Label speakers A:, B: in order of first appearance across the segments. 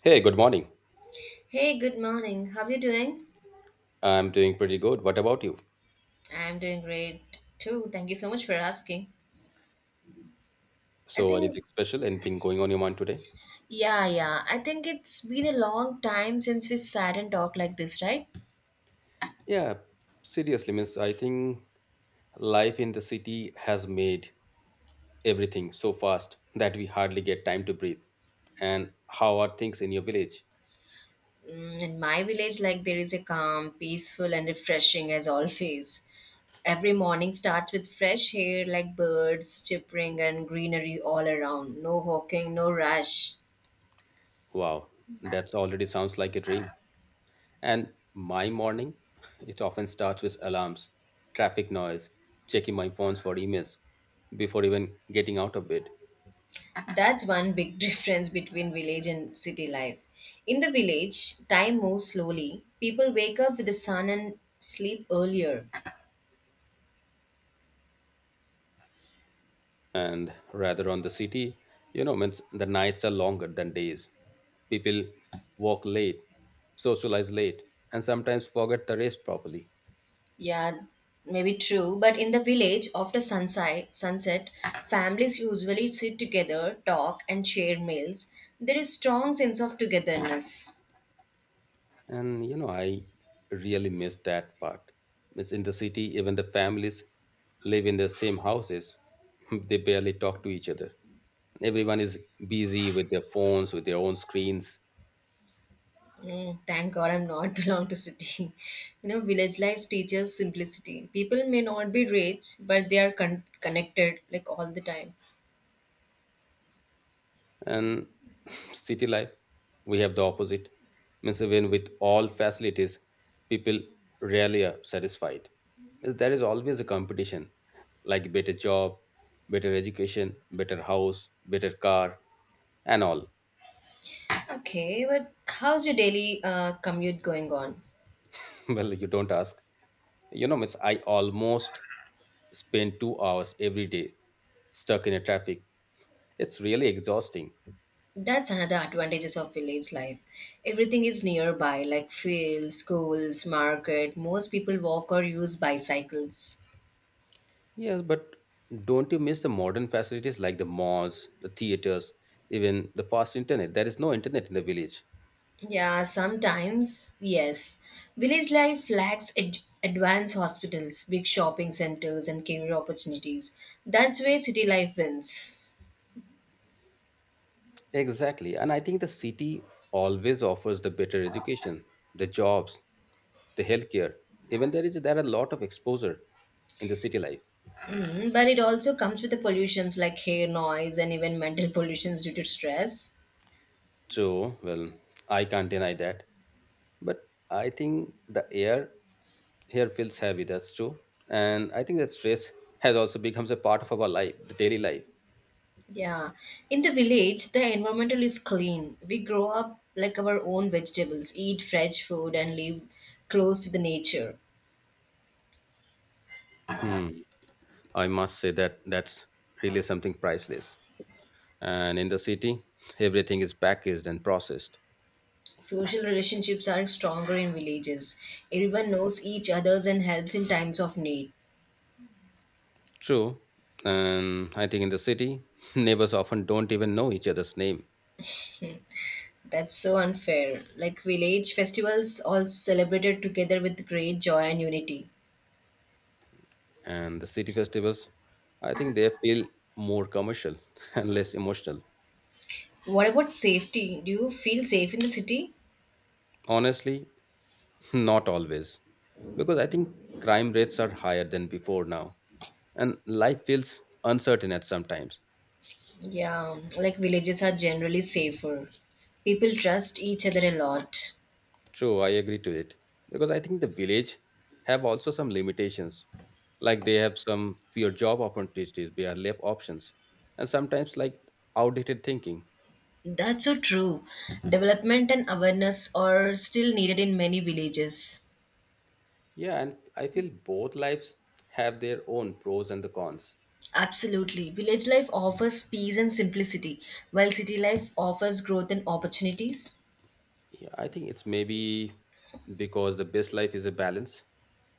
A: Hey, good morning.
B: Hey, good morning. How are you doing?
A: I'm doing pretty good. What about you?
B: I'm doing great too. Thank you so much for asking. I
A: So,
B: think,
A: anything special? Anything going on your mind today?
B: yeah, yeah. I think it's been a long time since we sat and talked like this, right?
A: Yeah, seriously, means I think life in the city has made everything so fast that we hardly get time to breathe. And how are things in your village?
B: In my village, like there is a calm, peaceful, and refreshing as always. Every morning starts with fresh air, like birds chirping and greenery all around. No hawking, no rush.
A: Wow, that's already sounds like a dream. And my morning, it often starts with alarms, traffic noise, checking my phones for emails before even getting out of bed.
B: That's one big difference between village and city life. In the village, time moves slowly. People wake up with the sun and sleep earlier.
A: And rather on the city, means the nights are longer than days. People walk late, socialize late, and sometimes forget the rest properly.
B: Yeah, maybe true, but in the village, after sunset, families usually sit together, talk, and share meals. There is strong sense of togetherness.
A: And I really miss that part. Means in the city, even the families live in the same houses. They barely talk to each other. Everyone is busy with their phones, with their own screens.
B: Thank God I'm not belong to city. You know, village life teaches simplicity. People may not be rich, but they are connected like all the time.
A: And city life, we have the opposite. Means even with all facilities, people rarely are satisfied. Means there is always a competition, like better job, better education, better house, better car, and all.
B: Okay, but how's your daily commute going on?
A: Well, you don't ask. Means I almost spend 2 hours every day stuck in a traffic. It's really exhausting.
B: That's another advantages of village life. Everything is nearby, like fields, schools, market. Most people walk or use bicycles.
A: Yes, but don't you miss the modern facilities like the malls, the theaters, even the fast internet? There is no internet in the village.
B: Yeah, sometimes, yes. Village life lacks advanced hospitals, big shopping centers, and career opportunities. That's where city life wins.
A: Exactly. And I think the city always offers the better education, the jobs, the healthcare. Even there are a lot of exposure in the city life.
B: Mm, but it also comes with the pollutions like hair noise and even mental pollutions due to stress.
A: True. Well, I can't deny that. But I think the air here feels heavy, that's true. And I think that stress has also becomes a part of our life, the daily life.
B: Yeah, in the village, the environmental is clean. We grow up like our own vegetables, eat fresh food, and live close to the nature.
A: Hmm. I must say that that's really something priceless. And in the city, everything is packaged and processed.
B: Social relationships are stronger in villages. Everyone knows each other's and helps in times of need.
A: True. And I think in the city, neighbors often don't even know each other's name.
B: That's so unfair. Like village festivals, all celebrated together with great joy and unity.
A: And the city festivals, I think they feel more commercial and less emotional.
B: What about safety? Do you feel safe in the city?
A: Honestly, not always. Because I think crime rates are higher than before now. And life feels uncertain at some times.
B: Yeah, like villages are generally safer. People trust each other a lot.
A: True, I agree to it. Because I think the village have also some limitations. Like they have some fewer job opportunities, they are left options. And sometimes like outdated thinking.
B: That's so true. Development and awareness are still needed in many villages.
A: Yeah, and I feel both lives have their own pros and the cons.
B: Absolutely. Village life offers peace and simplicity, while city life offers growth and opportunities.
A: Yeah, I think it's maybe because the best life is a balance,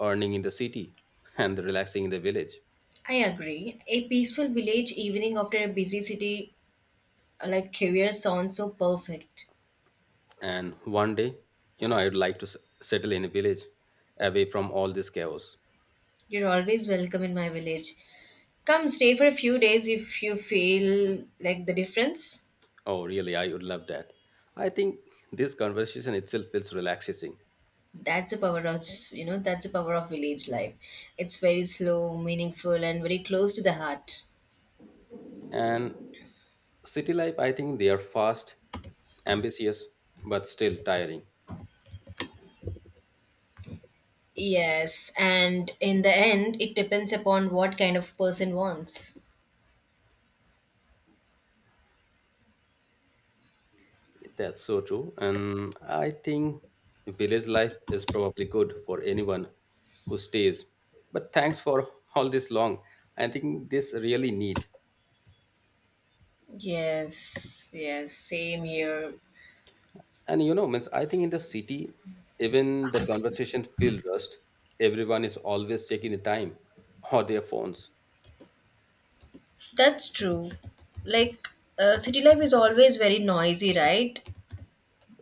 A: earning in the city and the relaxing in the village.
B: I agree. A peaceful village evening after a busy city like career sounds so perfect.
A: And one day, I would like to settle in a village away from all this chaos.
B: You're always welcome in my village. Come stay for a few days if you feel like the difference.
A: Oh, really? I would love that. I think this conversation itself feels relaxing.
B: that's the power of that's the power of village life. It's very slow, meaningful, and very close to the heart.
A: And city life, I think they are fast, ambitious, but still tiring.
B: Yes, and in the end it depends upon what kind of person wants.
A: That's so true. And I think village life is probably good for anyone who stays. But thanks for all this long. I think this really need.
B: Yes, yes, same here.
A: And means I think in the city, even the conversation feel rushed. Everyone is always checking the time or their phones.
B: That's true. Like city life is always very noisy, right?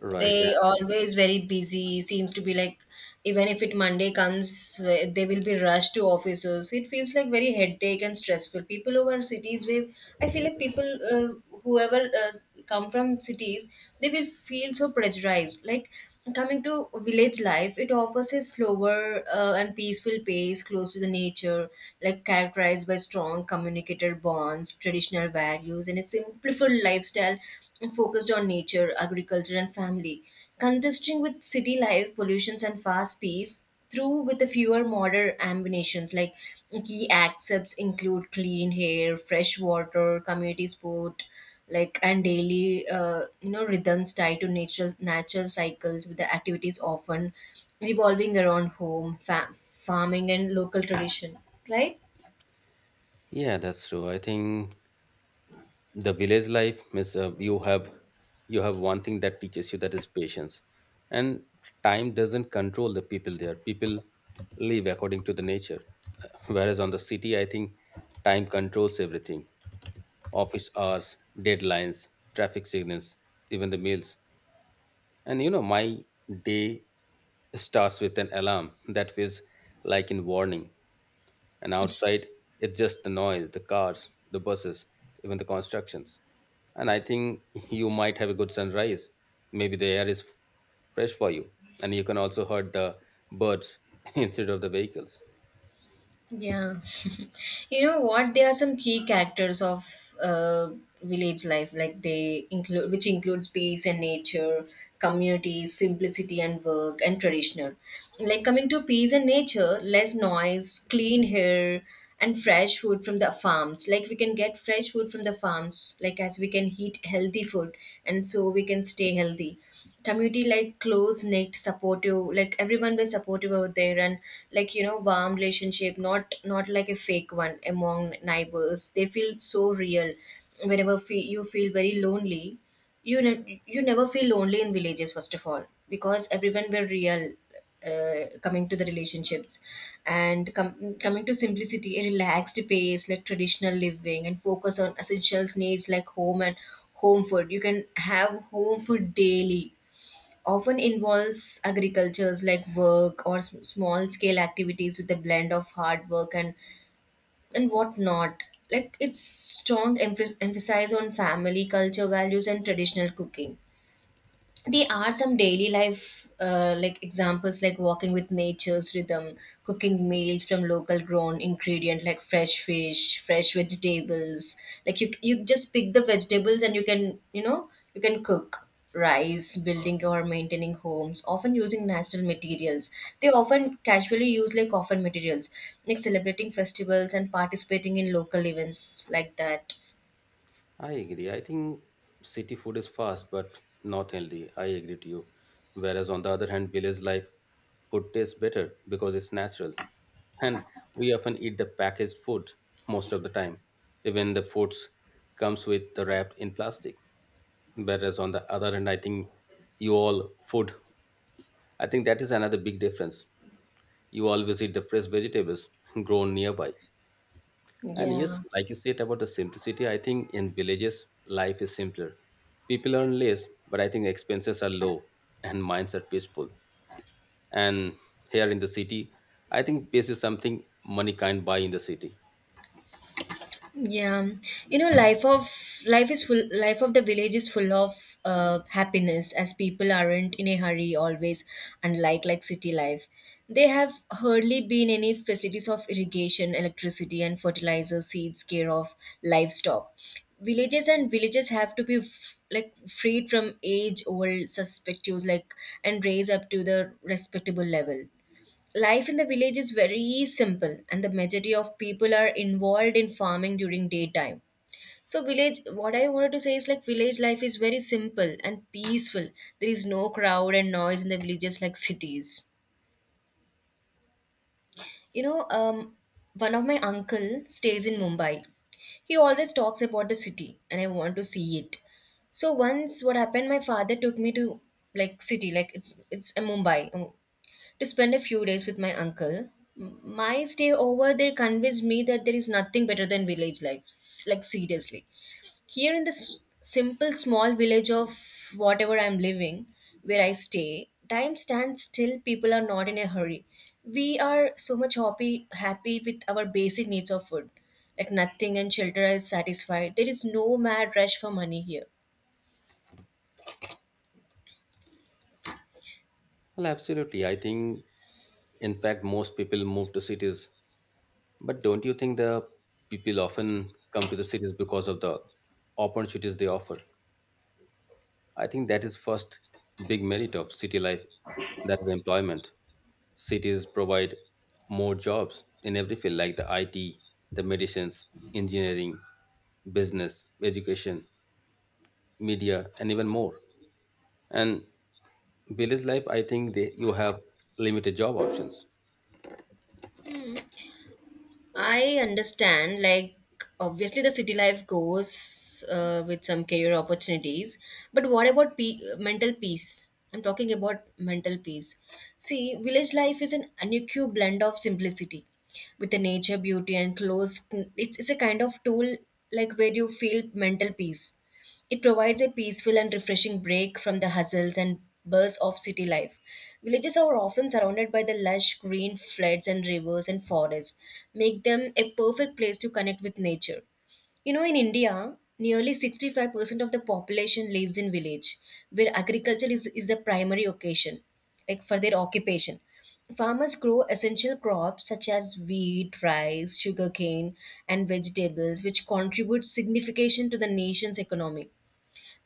A: Right.
B: They
A: Yeah.
B: always very busy seems to be like, even if it monday comes they will be rushed to offices. It feels like very headache and stressful people over cities. Where I feel like people whoever come from cities, they will feel so pressurized. Like coming to village life, it offers a slower and peaceful pace close to the nature, like characterized by strong communicator bonds, traditional values, and a simplified lifestyle focused on nature, agriculture, and family. Contrasting with city life, pollutions, and fast pace, through with the fewer modern ambitions, like key accepts include clean air, fresh water, community sport, like and daily rhythms tied to natural cycles, with the activities often revolving around home farming and local tradition, right?
A: Yeah, that's true. I think the village life is you have one thing that teaches you that is patience. And time doesn't control the people there. People live according to the nature. Whereas on the city, I think time controls everything. Office hours, deadlines, traffic signals, even the meals. And my day starts with an alarm that feels like in warning. And outside, it's just the noise, the cars, the buses, even the constructions. And I think you might have a good sunrise. Maybe the air is fresh for you. And you can also hear the birds instead of the vehicles.
B: Yeah. You know what, there are some key characters of village life. Like they include, which includes peace and nature, community, simplicity and work, and traditional. Like coming to peace and nature, less noise, clean air, and fresh food from the farms. Like we can get fresh food from the farms, like as we can eat healthy food, and so we can stay healthy. Community, like close knit, supportive, like everyone was supportive out there. And like, you know, warm relationship, not like a fake one among neighbors. They feel so real. Whenever you feel very lonely, you you never feel lonely in villages, first of all, because everyone were real. Uh, coming to the relationships, and coming to simplicity, a relaxed pace like traditional living and focus on essentials needs like home and home food. You can have home food daily. Often involves agricultures like work or small scale activities, with a blend of hard work and what not. Like it's strong emphasis on family culture values and traditional cooking. There are some daily life like examples, like walking with nature's rhythm, cooking meals from local grown ingredient like fresh fish, fresh vegetables. Like you just pick the vegetables and you can, you know, you can cook rice, building or maintaining homes often using natural materials. They often casually use like often materials, like celebrating festivals and participating in local events like that.
A: I agree. I think city food is fast but not healthy. I agree to you. Whereas on the other hand, village life food tastes better because it's natural. And we often eat the packaged food most of the time. Even the foods comes with the wrapped in plastic. Whereas on the other hand, I think you all food. I think that is another big difference. You all visit the fresh vegetables grown nearby. And yes,
B: Yeah.
A: like you said about the simplicity, I think in villages, life is simpler. People earn less, but I think expenses are low and minds are peaceful. And here in the city, I think peace is something money can't buy in the city.
B: Yeah, you know, life of life is full. Life of the village is full of happiness, as people aren't in a hurry always, unlike like city life. They have hardly been any facilities of irrigation, electricity, and fertilizer, seeds, care of livestock. Villages and villages have to be like freed from age-old suspects like, and raised up to the respectable level. Life in the village is very simple, and the majority of people are involved in farming during daytime. So, village, what I wanted to say is like village life is very simple and peaceful. There is no crowd and noise in the villages like cities. You know, one of my uncle stays in Mumbai. He always talks about the city, and I want to see it. So once, what happened? My father took me to like city, like it's a Mumbai, to spend a few days with my uncle. M- My stay over there convinced me that there is nothing better than village life, like seriously. Here in this simple small village of whatever I'm living, where I stay, time stands still, people are not in a hurry. We are so much happy with our basic needs of food. Like nothing and shelter is satisfied. There is no mad rush for money here.
A: Well, absolutely. I think, in fact, most people move to cities. But don't you think the people often come to the cities because of the opportunities they offer? I think that is first big merit of city life, that is employment. Cities provide more jobs in every field like the IT, the medicines, engineering, business, education, media, and even more. And village life, I think they, you have limited job options.
B: I understand, like, obviously the city life goes with some career opportunities, but what about mental peace? I'm talking about mental peace. See, village life is an unequal blend of simplicity with the nature, beauty, and close. It's a kind of tool, like where you feel mental peace. It provides a peaceful and refreshing break from the hustles and buzz of city life. Villages are often surrounded by the lush green floods and rivers and forests, make them a perfect place to connect with nature. You know, in India, nearly 65% of the population lives in village, where agriculture is a primary occasion, like for their occupation. Farmers grow essential crops such as wheat, rice, sugarcane, and vegetables, which contribute significantly to the nation's economy.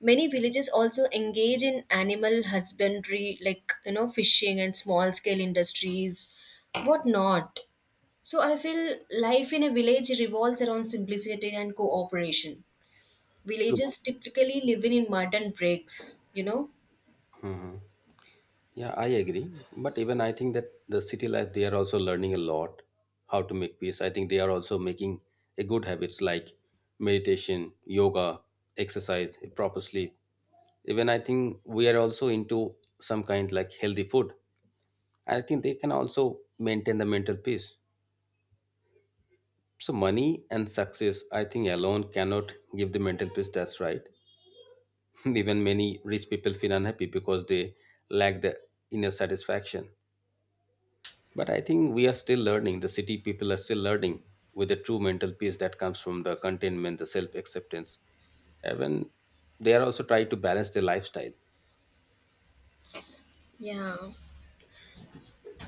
B: Many villages also engage in animal husbandry, like, you know, fishing and small scale industries. What not? So I feel life in a village revolves around simplicity and cooperation.
A: True.
B: Villagers typically live in mud and bricks, you know?
A: Mhm. Yeah, I agree. But even I think that the city life, they are also learning a lot how to make peace. I think they are also making a good habits like meditation, yoga, exercise, proper sleep, even I think we are also into some kind like healthy food. I think they can also maintain the mental peace. So money and success, I think alone cannot give the mental peace, that's right. Even many rich people feel unhappy because they lack the inner satisfaction. But I think we are still learning. The city people are still learning with the true mental peace that comes from the contentment, the self acceptance. Even they are also trying to balance their lifestyle.
B: Yeah.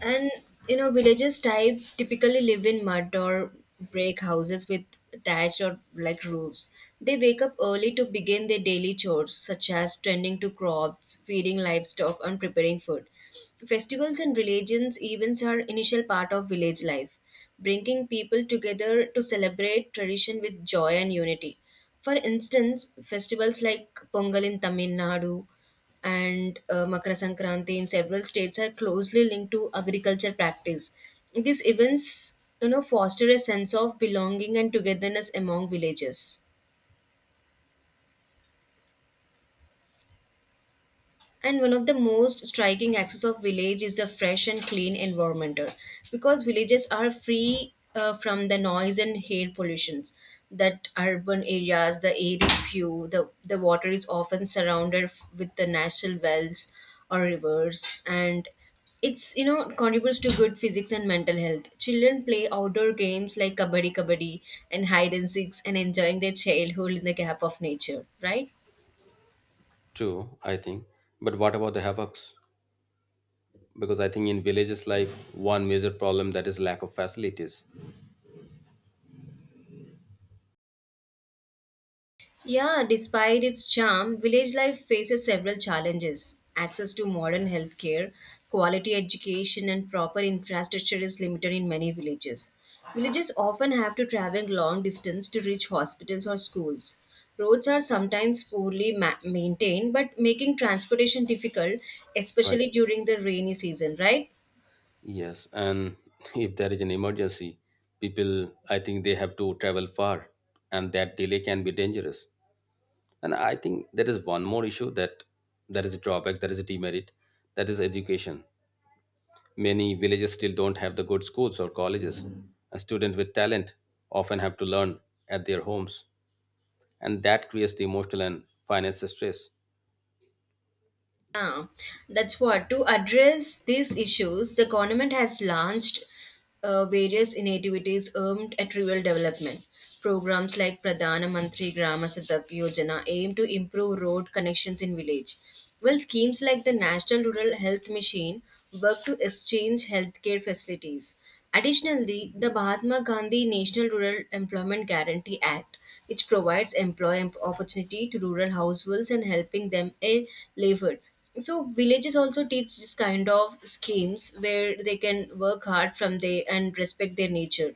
B: And you know, villagers type typically live in mud or brick houses with thatch or like roofs. They wake up early to begin their daily chores, such as tending to crops, feeding livestock, and preparing food. Festivals and religions events are initial part of village life, bringing people together to celebrate tradition with joy and unity. For instance, festivals like Pongal in Tamil Nadu and Makara Sankranti in several states are closely linked to agriculture practice. These events, you know, foster a sense of belonging and togetherness among villages. And one of the most striking aspects of village is the fresh and clean environment, because villages are free from the noise and air pollutions that urban areas. The air is pure. The water is often surrounded with the natural wells or rivers, and it's, you know, contributes to good physics and mental health. Children play outdoor games like kabaddi, and hide and seeks, and enjoying their childhood in the gap of nature. Right.
A: Too, I think. But what about the havocs? Because I think in villages life, one major problem, that is lack of facilities.
B: Yeah, despite its charm, village life faces several challenges. Access to modern healthcare, quality education, and proper infrastructure is limited in many villages. Villages often have to travel long distance to reach hospitals or schools. Roads are sometimes poorly maintained, but making transportation difficult,
A: Right.
B: especially during the rainy season, right?
A: Yes, and if there is an emergency, people I think they have to travel far, and that delay can be dangerous. And I think there is one more issue, that that is a drawback, that is a demerit, that is education. Many villages still don't have the good schools or colleges. A student with talent often have to learn at their homes. And that creates the emotional and financial stress.
B: Ah, that's what. To address these issues, the government has launched various initiatives aimed at rural development. Programs like Pradhana Mantri Grama Sadak Yojana aim to improve road connections in village, while schemes like the National Rural Health Machine work to exchange healthcare facilities. Additionally, the Mahatma Gandhi National Rural Employment Guarantee Act, which provides employment opportunity to rural households and helping them a labor. So villages also teach this kind of schemes where they can work hard from they and respect their nature,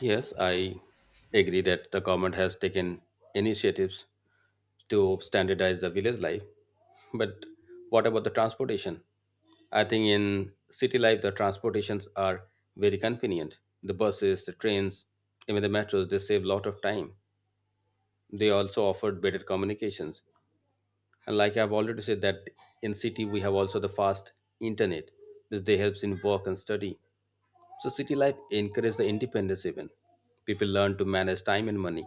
A: Yes, I agree that the government has taken initiatives to standardize the village life. But what about the transportation? I think in city life, the transportations are very convenient. The buses, the trains, even the metros, they save a lot of time. They also offered better communications. And like I've already said that in city, we have also the fast internet, which they helps in work and study. So city life encourages the independence even. People learn to manage time and money.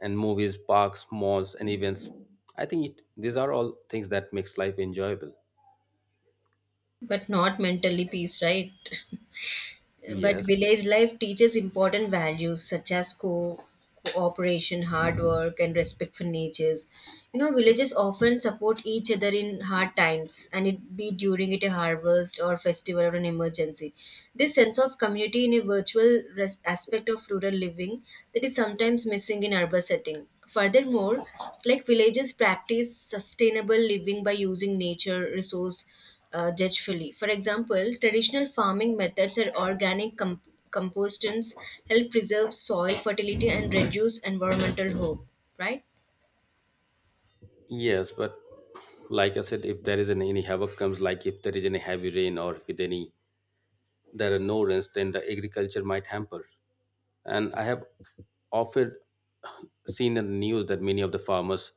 A: And movies, parks, malls, and events. I think these are all things that makes life enjoyable.
B: but not mentally peace, right? But
A: Yes,
B: village life teaches important values such as cooperation, hard work, and respect for natures. Villages often support each other in hard times, and it be during it a harvest or festival or an emergency. This sense of community in a virtual res- aspect of rural living that is sometimes missing in urban settings. Furthermore, like villages practice sustainable living by using nature resource judge. For example, traditional farming methods or organic com- compostings help preserve soil fertility and reduce environmental hope, right?
A: yes, but like I said, if there isn't any havoc comes, like if there is any heavy rain or if it any there are no rains, then the agriculture might hamper. And I have often seen in the news that many of the farmers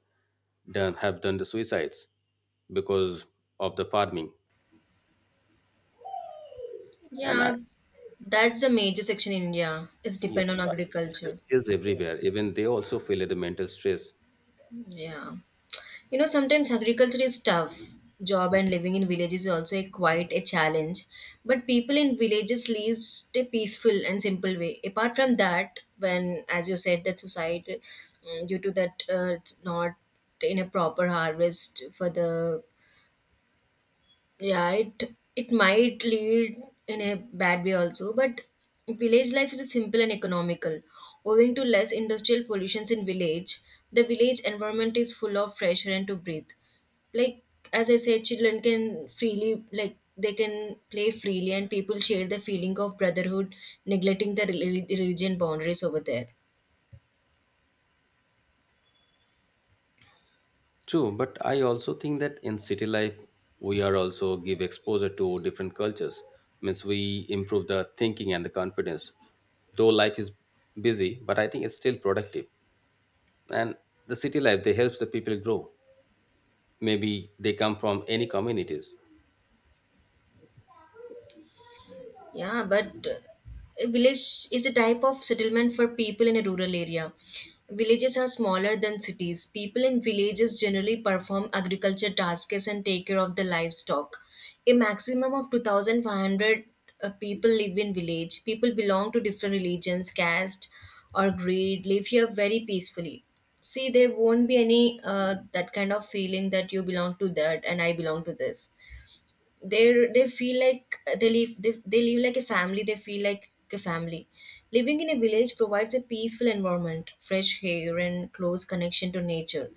A: done have done the suicides because of the farming. And I
B: Yeah, that's a major section in India is depend on
A: Yes, farming stress
B: agriculture.
A: is everywhere. Even they also feel the mental stress.
B: Yeah. Sometimes agriculture is tough. Job and living in villages is also a, quite a challenge. But people in villages live a peaceful and simple way. Apart from that, when, as you said, that society, mm, due to that, it's not in a proper harvest for the yeah it might lead in a bad way also but village life is simple and economical owing to less industrial pollutions in village the village environment is full of fresh air and to breathe like as I said children can freely like they can play freely and people share the feeling of brotherhood neglecting the reli- religion boundaries over there.
A: True, but I also think that in city life, we are also give exposure to different cultures. Means we improve the thinking and the confidence. Though life is busy, but I think it's still productive. And the city life, they helps the people grow. Maybe they come from any communities.
B: Yeah, but a village is a type of settlement for people in a rural area. Villages are smaller than cities. People in villages generally perform agriculture tasks and take care of the livestock. A maximum of 2,500 people live in village. People belong to different religions, caste, or greed, live here very peacefully. See, there won't be any that kind of feeling that you belong to that and I belong to this they they feel like they live they live like a family they feel like a family living in a village provides a peaceful environment fresh air and close connection to nature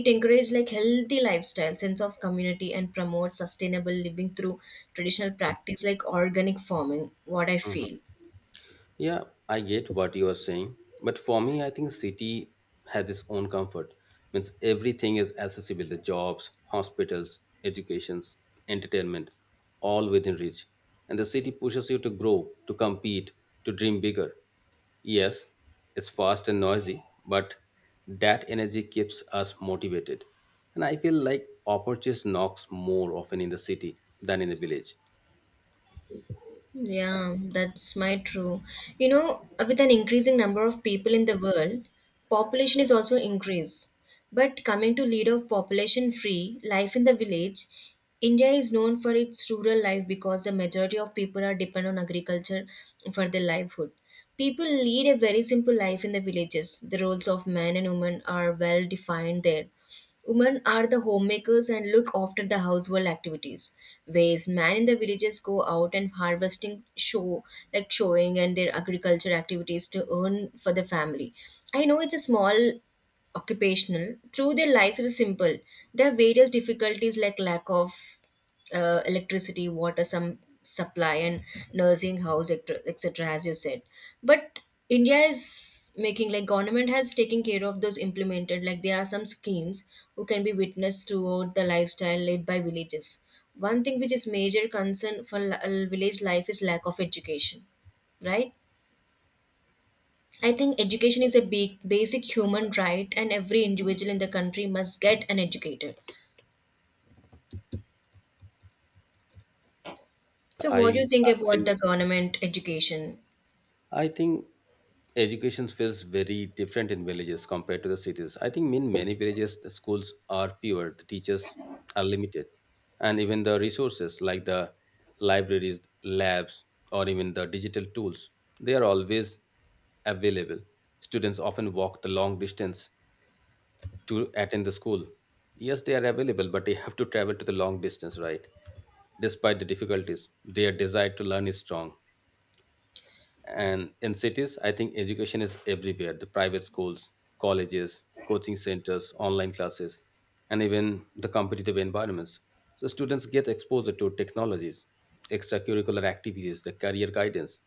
B: it encourages like healthy lifestyle sense of community and promotes sustainable living through traditional practice like organic farming what I
A: Mm.
B: feel.
A: Yeah, I get what you are saying, but for me, I think city has its own comfort. Means everything is accessible: the jobs, hospitals, educations, entertainment, all within reach. And the city pushes you to grow, to compete, to dream bigger. Yes, it's fast and noisy, but that energy keeps us motivated. And I feel like opportunities knocks more often in the city than in the village.
B: Yeah, that's my true. With an increasing number of people in the world, population is also increase. But coming to leader of population free life in the village, India is known for its rural life because the majority of people are dependent on agriculture for their livelihood. People lead a very simple life in the villages. The roles of man and woman are well defined there. Women are the homemakers and look after the household activities ways men in the villages go out and harvesting show like showing and their agriculture activities to earn for the family I know it's a small occupational through their life is simple there are various difficulties like lack of electricity water some supply and nursing house etc as you said but india is making like government has taken care of those implemented like there are some schemes who can be witnessed throughout the lifestyle led by villages one thing which is major concern for la- village life is lack of education, right? I think education is a big, basic human right, and every individual in the country must get an educated. So,
A: I
B: what do you think
A: I,
B: about the government education?
A: I think education feels very different in villages compared to the cities. I think in many villages the schools are fewer, the teachers are limited, and even the resources like the libraries, labs, or even the digital tools they are always available. Students often walk the long distance to attend the school. Yes, they are available, but they have to travel to the long distance, right? Despite the difficulties, their desire to learn is strong. And in cities, I think education is everywhere: the private schools, colleges, coaching centers, online classes, and even the competitive environments. So students get exposure to technologies, extracurricular activities, the career guidance.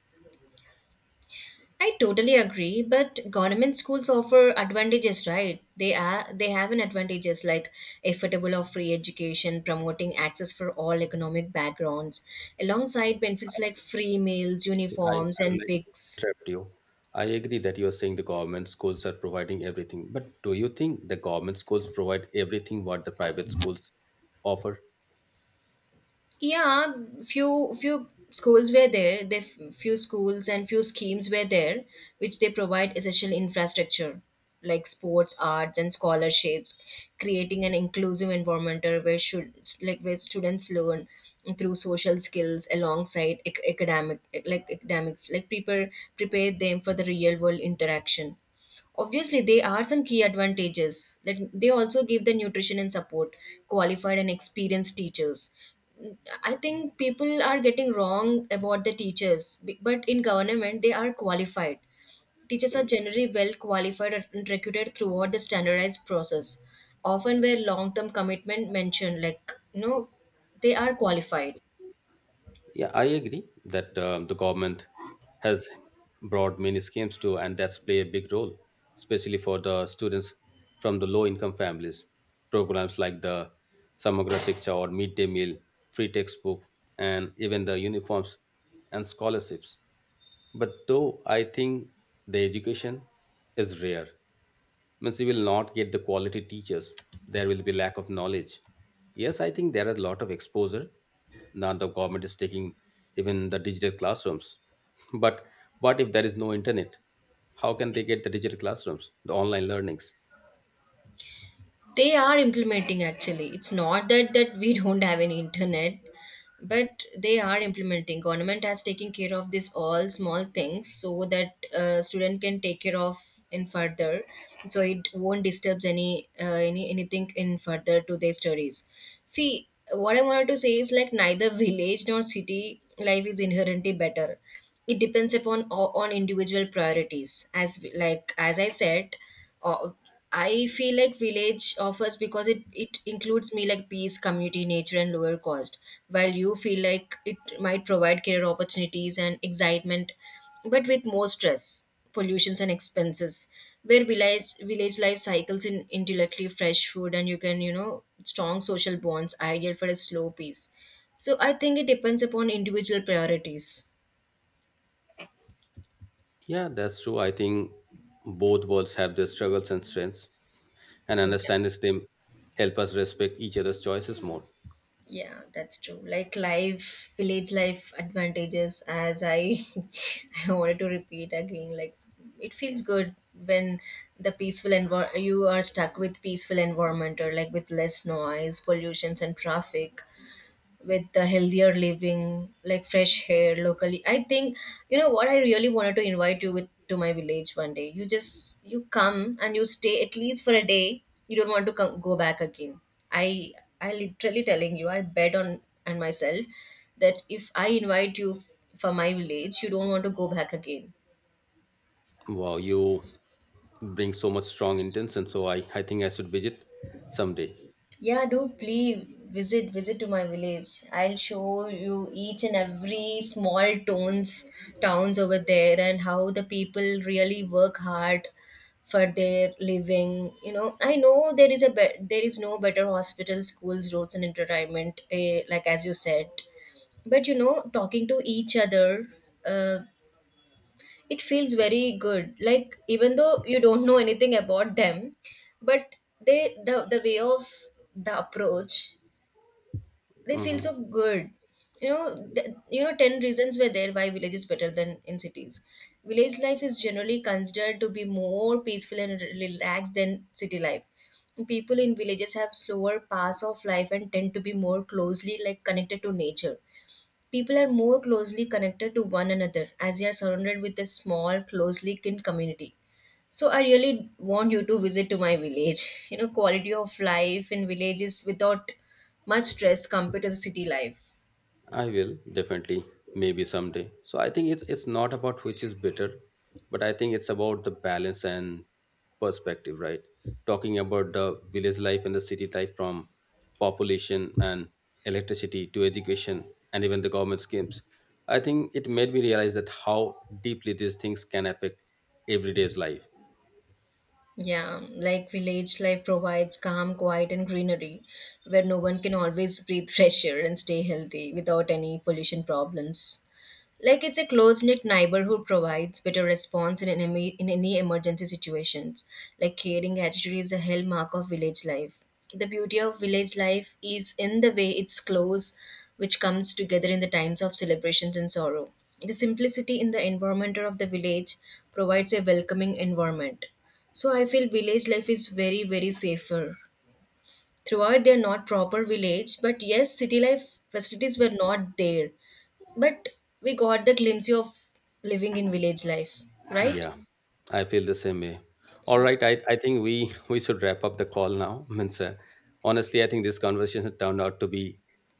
B: I totally agree, but government schools offer advantages, right? They are they have an advantages like affordable or free education, promoting access for all economic backgrounds, alongside benefits like free meals,
A: i,
B: uniforms,
A: I would
B: and
A: like to
B: bigs.
A: interrupt you. I agree that you are saying the government schools are providing everything, but do you think the government schools provide everything what the private schools offer?
B: Yeah, few schools were there the few schools and few schemes were there which they provide essential infrastructure like sports arts and scholarships creating an inclusive environment where should like where students learn through social skills alongside ac- academic like academics like prepare prepare them for the real world interaction. Obviously, there are some key advantages. Like they also give the nutrition and support, qualified and experienced teachers. I think people are getting wrong about the teachers, be- but in government they are qualified. Teachers are generally well qualified and recruited throughout the standardized process, often where long-term commitment mentioned. Like they are qualified.
A: Yeah, I agree that the government has brought many schemes too, and that's play a big role, especially for the students from the low-income families. Programs like the Samagra Shiksha or midday meal, free textbook, and even the uniforms and scholarships. But though I think the education is rare. Means you will not get the quality teachers. There will be lack of knowledge. Yes, I think there are a lot of exposure. Now the government is taking even the digital classrooms. But what if there is no internet? How can they get the digital classrooms, the online learnings?
B: They are implementing actually. It's not that we don't have any internet. But they are implementing government has taken care of this all small things so that student can take care of in further so it won't disturb any anything in further to their studies. See what I wanted to say is like neither village nor city life is inherently better it depends upon o- on individual priorities as we- like as I said uh, I feel like village offers because it includes me like peace community nature and lower cost while you feel like it might provide career opportunities and excitement, but with more stress, pollutions, and expenses. Where village life cycles in intellectually fresh food and you can strong social bonds, ideal for a slow pace. So I think it depends upon individual priorities.
A: Yeah, that's true. I think both worlds have their struggles and strengths, and
B: Yeah.
A: understanding them help us respect each other's choices more.
B: Yeah, that's true. Like life, village life advantages, as I, I wanted to repeat again. Like it feels good when the peaceful envir you are stuck with peaceful environment or like with less noise, pollutions, and traffic with the healthier living, like fresh hair locally. I think what I really wanted to invite you with to my village one day. You just you come and you stay at least for a day. You don't want to come, go back again. I I literally telling you, I bet on and myself that if I invite you f- for my village, you don't want to go back again.
A: Wow, you bring so much strong intention. So I think I should visit someday.
B: Yeah, do please visit to my village. I'll show you each and every small towns towns over there and how the people really work hard for their living. I know there is a be- there is no better hospital, schools, roads, and entertainment. Eh, like as you said, but talking to each other, uh, it feels very good. Like even though you don't know anything about them, but they the way of the approach they feel so
A: Hmm.
B: good. You know, 10 reasons were there why village is better than in cities. Village life is generally considered to be more peaceful and re- relaxed than city life. People in villages have slower paths of life and tend to be more closely like connected to nature. People are more closely connected to one another as they are surrounded with a small closely kin community. So I really want you to visit to my village. Quality of life in villages without much stress compared to the city life.
A: I will definitely, maybe someday. So I think it's not about which is better, but I think it's about the balance and perspective, right? Talking about the village life and the city life from population and electricity to education and even the government schemes. I think it made me realize that how deeply these things can affect everyday's life.
B: Yeah, like village life provides calm, quiet, and greenery where no one can always breathe fresh air and stay healthy without any pollution problems. Like it's a close-knit neighborhood provides better response in any emergency situations. Like caring attitude is a hallmark of village life. The beauty of village life is in the way it's close, which comes together in the times of celebrations and sorrow. The simplicity in the environment of the village provides a welcoming environment. So I feel village life is very, very safer. Throughout, they are not proper village, but yes, city life facilities were not there. But we got the glimpse of living in village life, right?
A: Yeah, I feel the same way. All right, I think we we should wrap up the call now. Means, honestly, I think this conversation turned out to be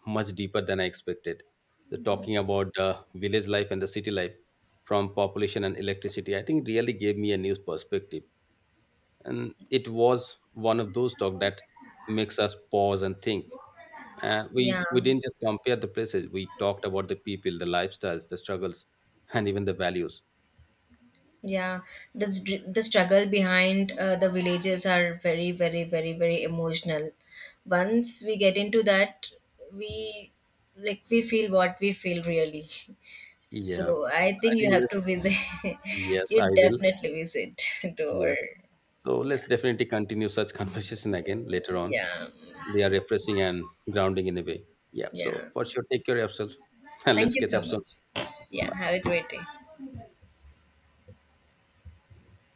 A: much deeper than I expected. The talking about the village life and the city life from population and electricity, I think really gave me a new perspective. And it was one of those talk that makes us pause and think. And
B: Yeah,
A: we didn't just compare the places. We talked about the people, the lifestyles, the struggles, and even the values.
B: yeah. The str- the struggle behind the villages are very, very, very, very emotional. Once we get into that, we like we feel what we feel really.
A: Yeah,
B: So I
A: I
B: think you
A: think
B: have
A: let's
B: to visit.
A: Yes, I
B: You
A: will.
B: definitely visit to our
A: Yes. So let's
B: yeah,
A: definitely continue such conversation again later on.
B: yeah,
A: They are refreshing and grounding in a way. Yeah. So
B: yeah.
A: for sure, take care of yourself and
B: Thank
A: let's
B: you
A: catch
B: so
A: up soon.
B: much. Yeah,
A: Bye.
B: have a great day.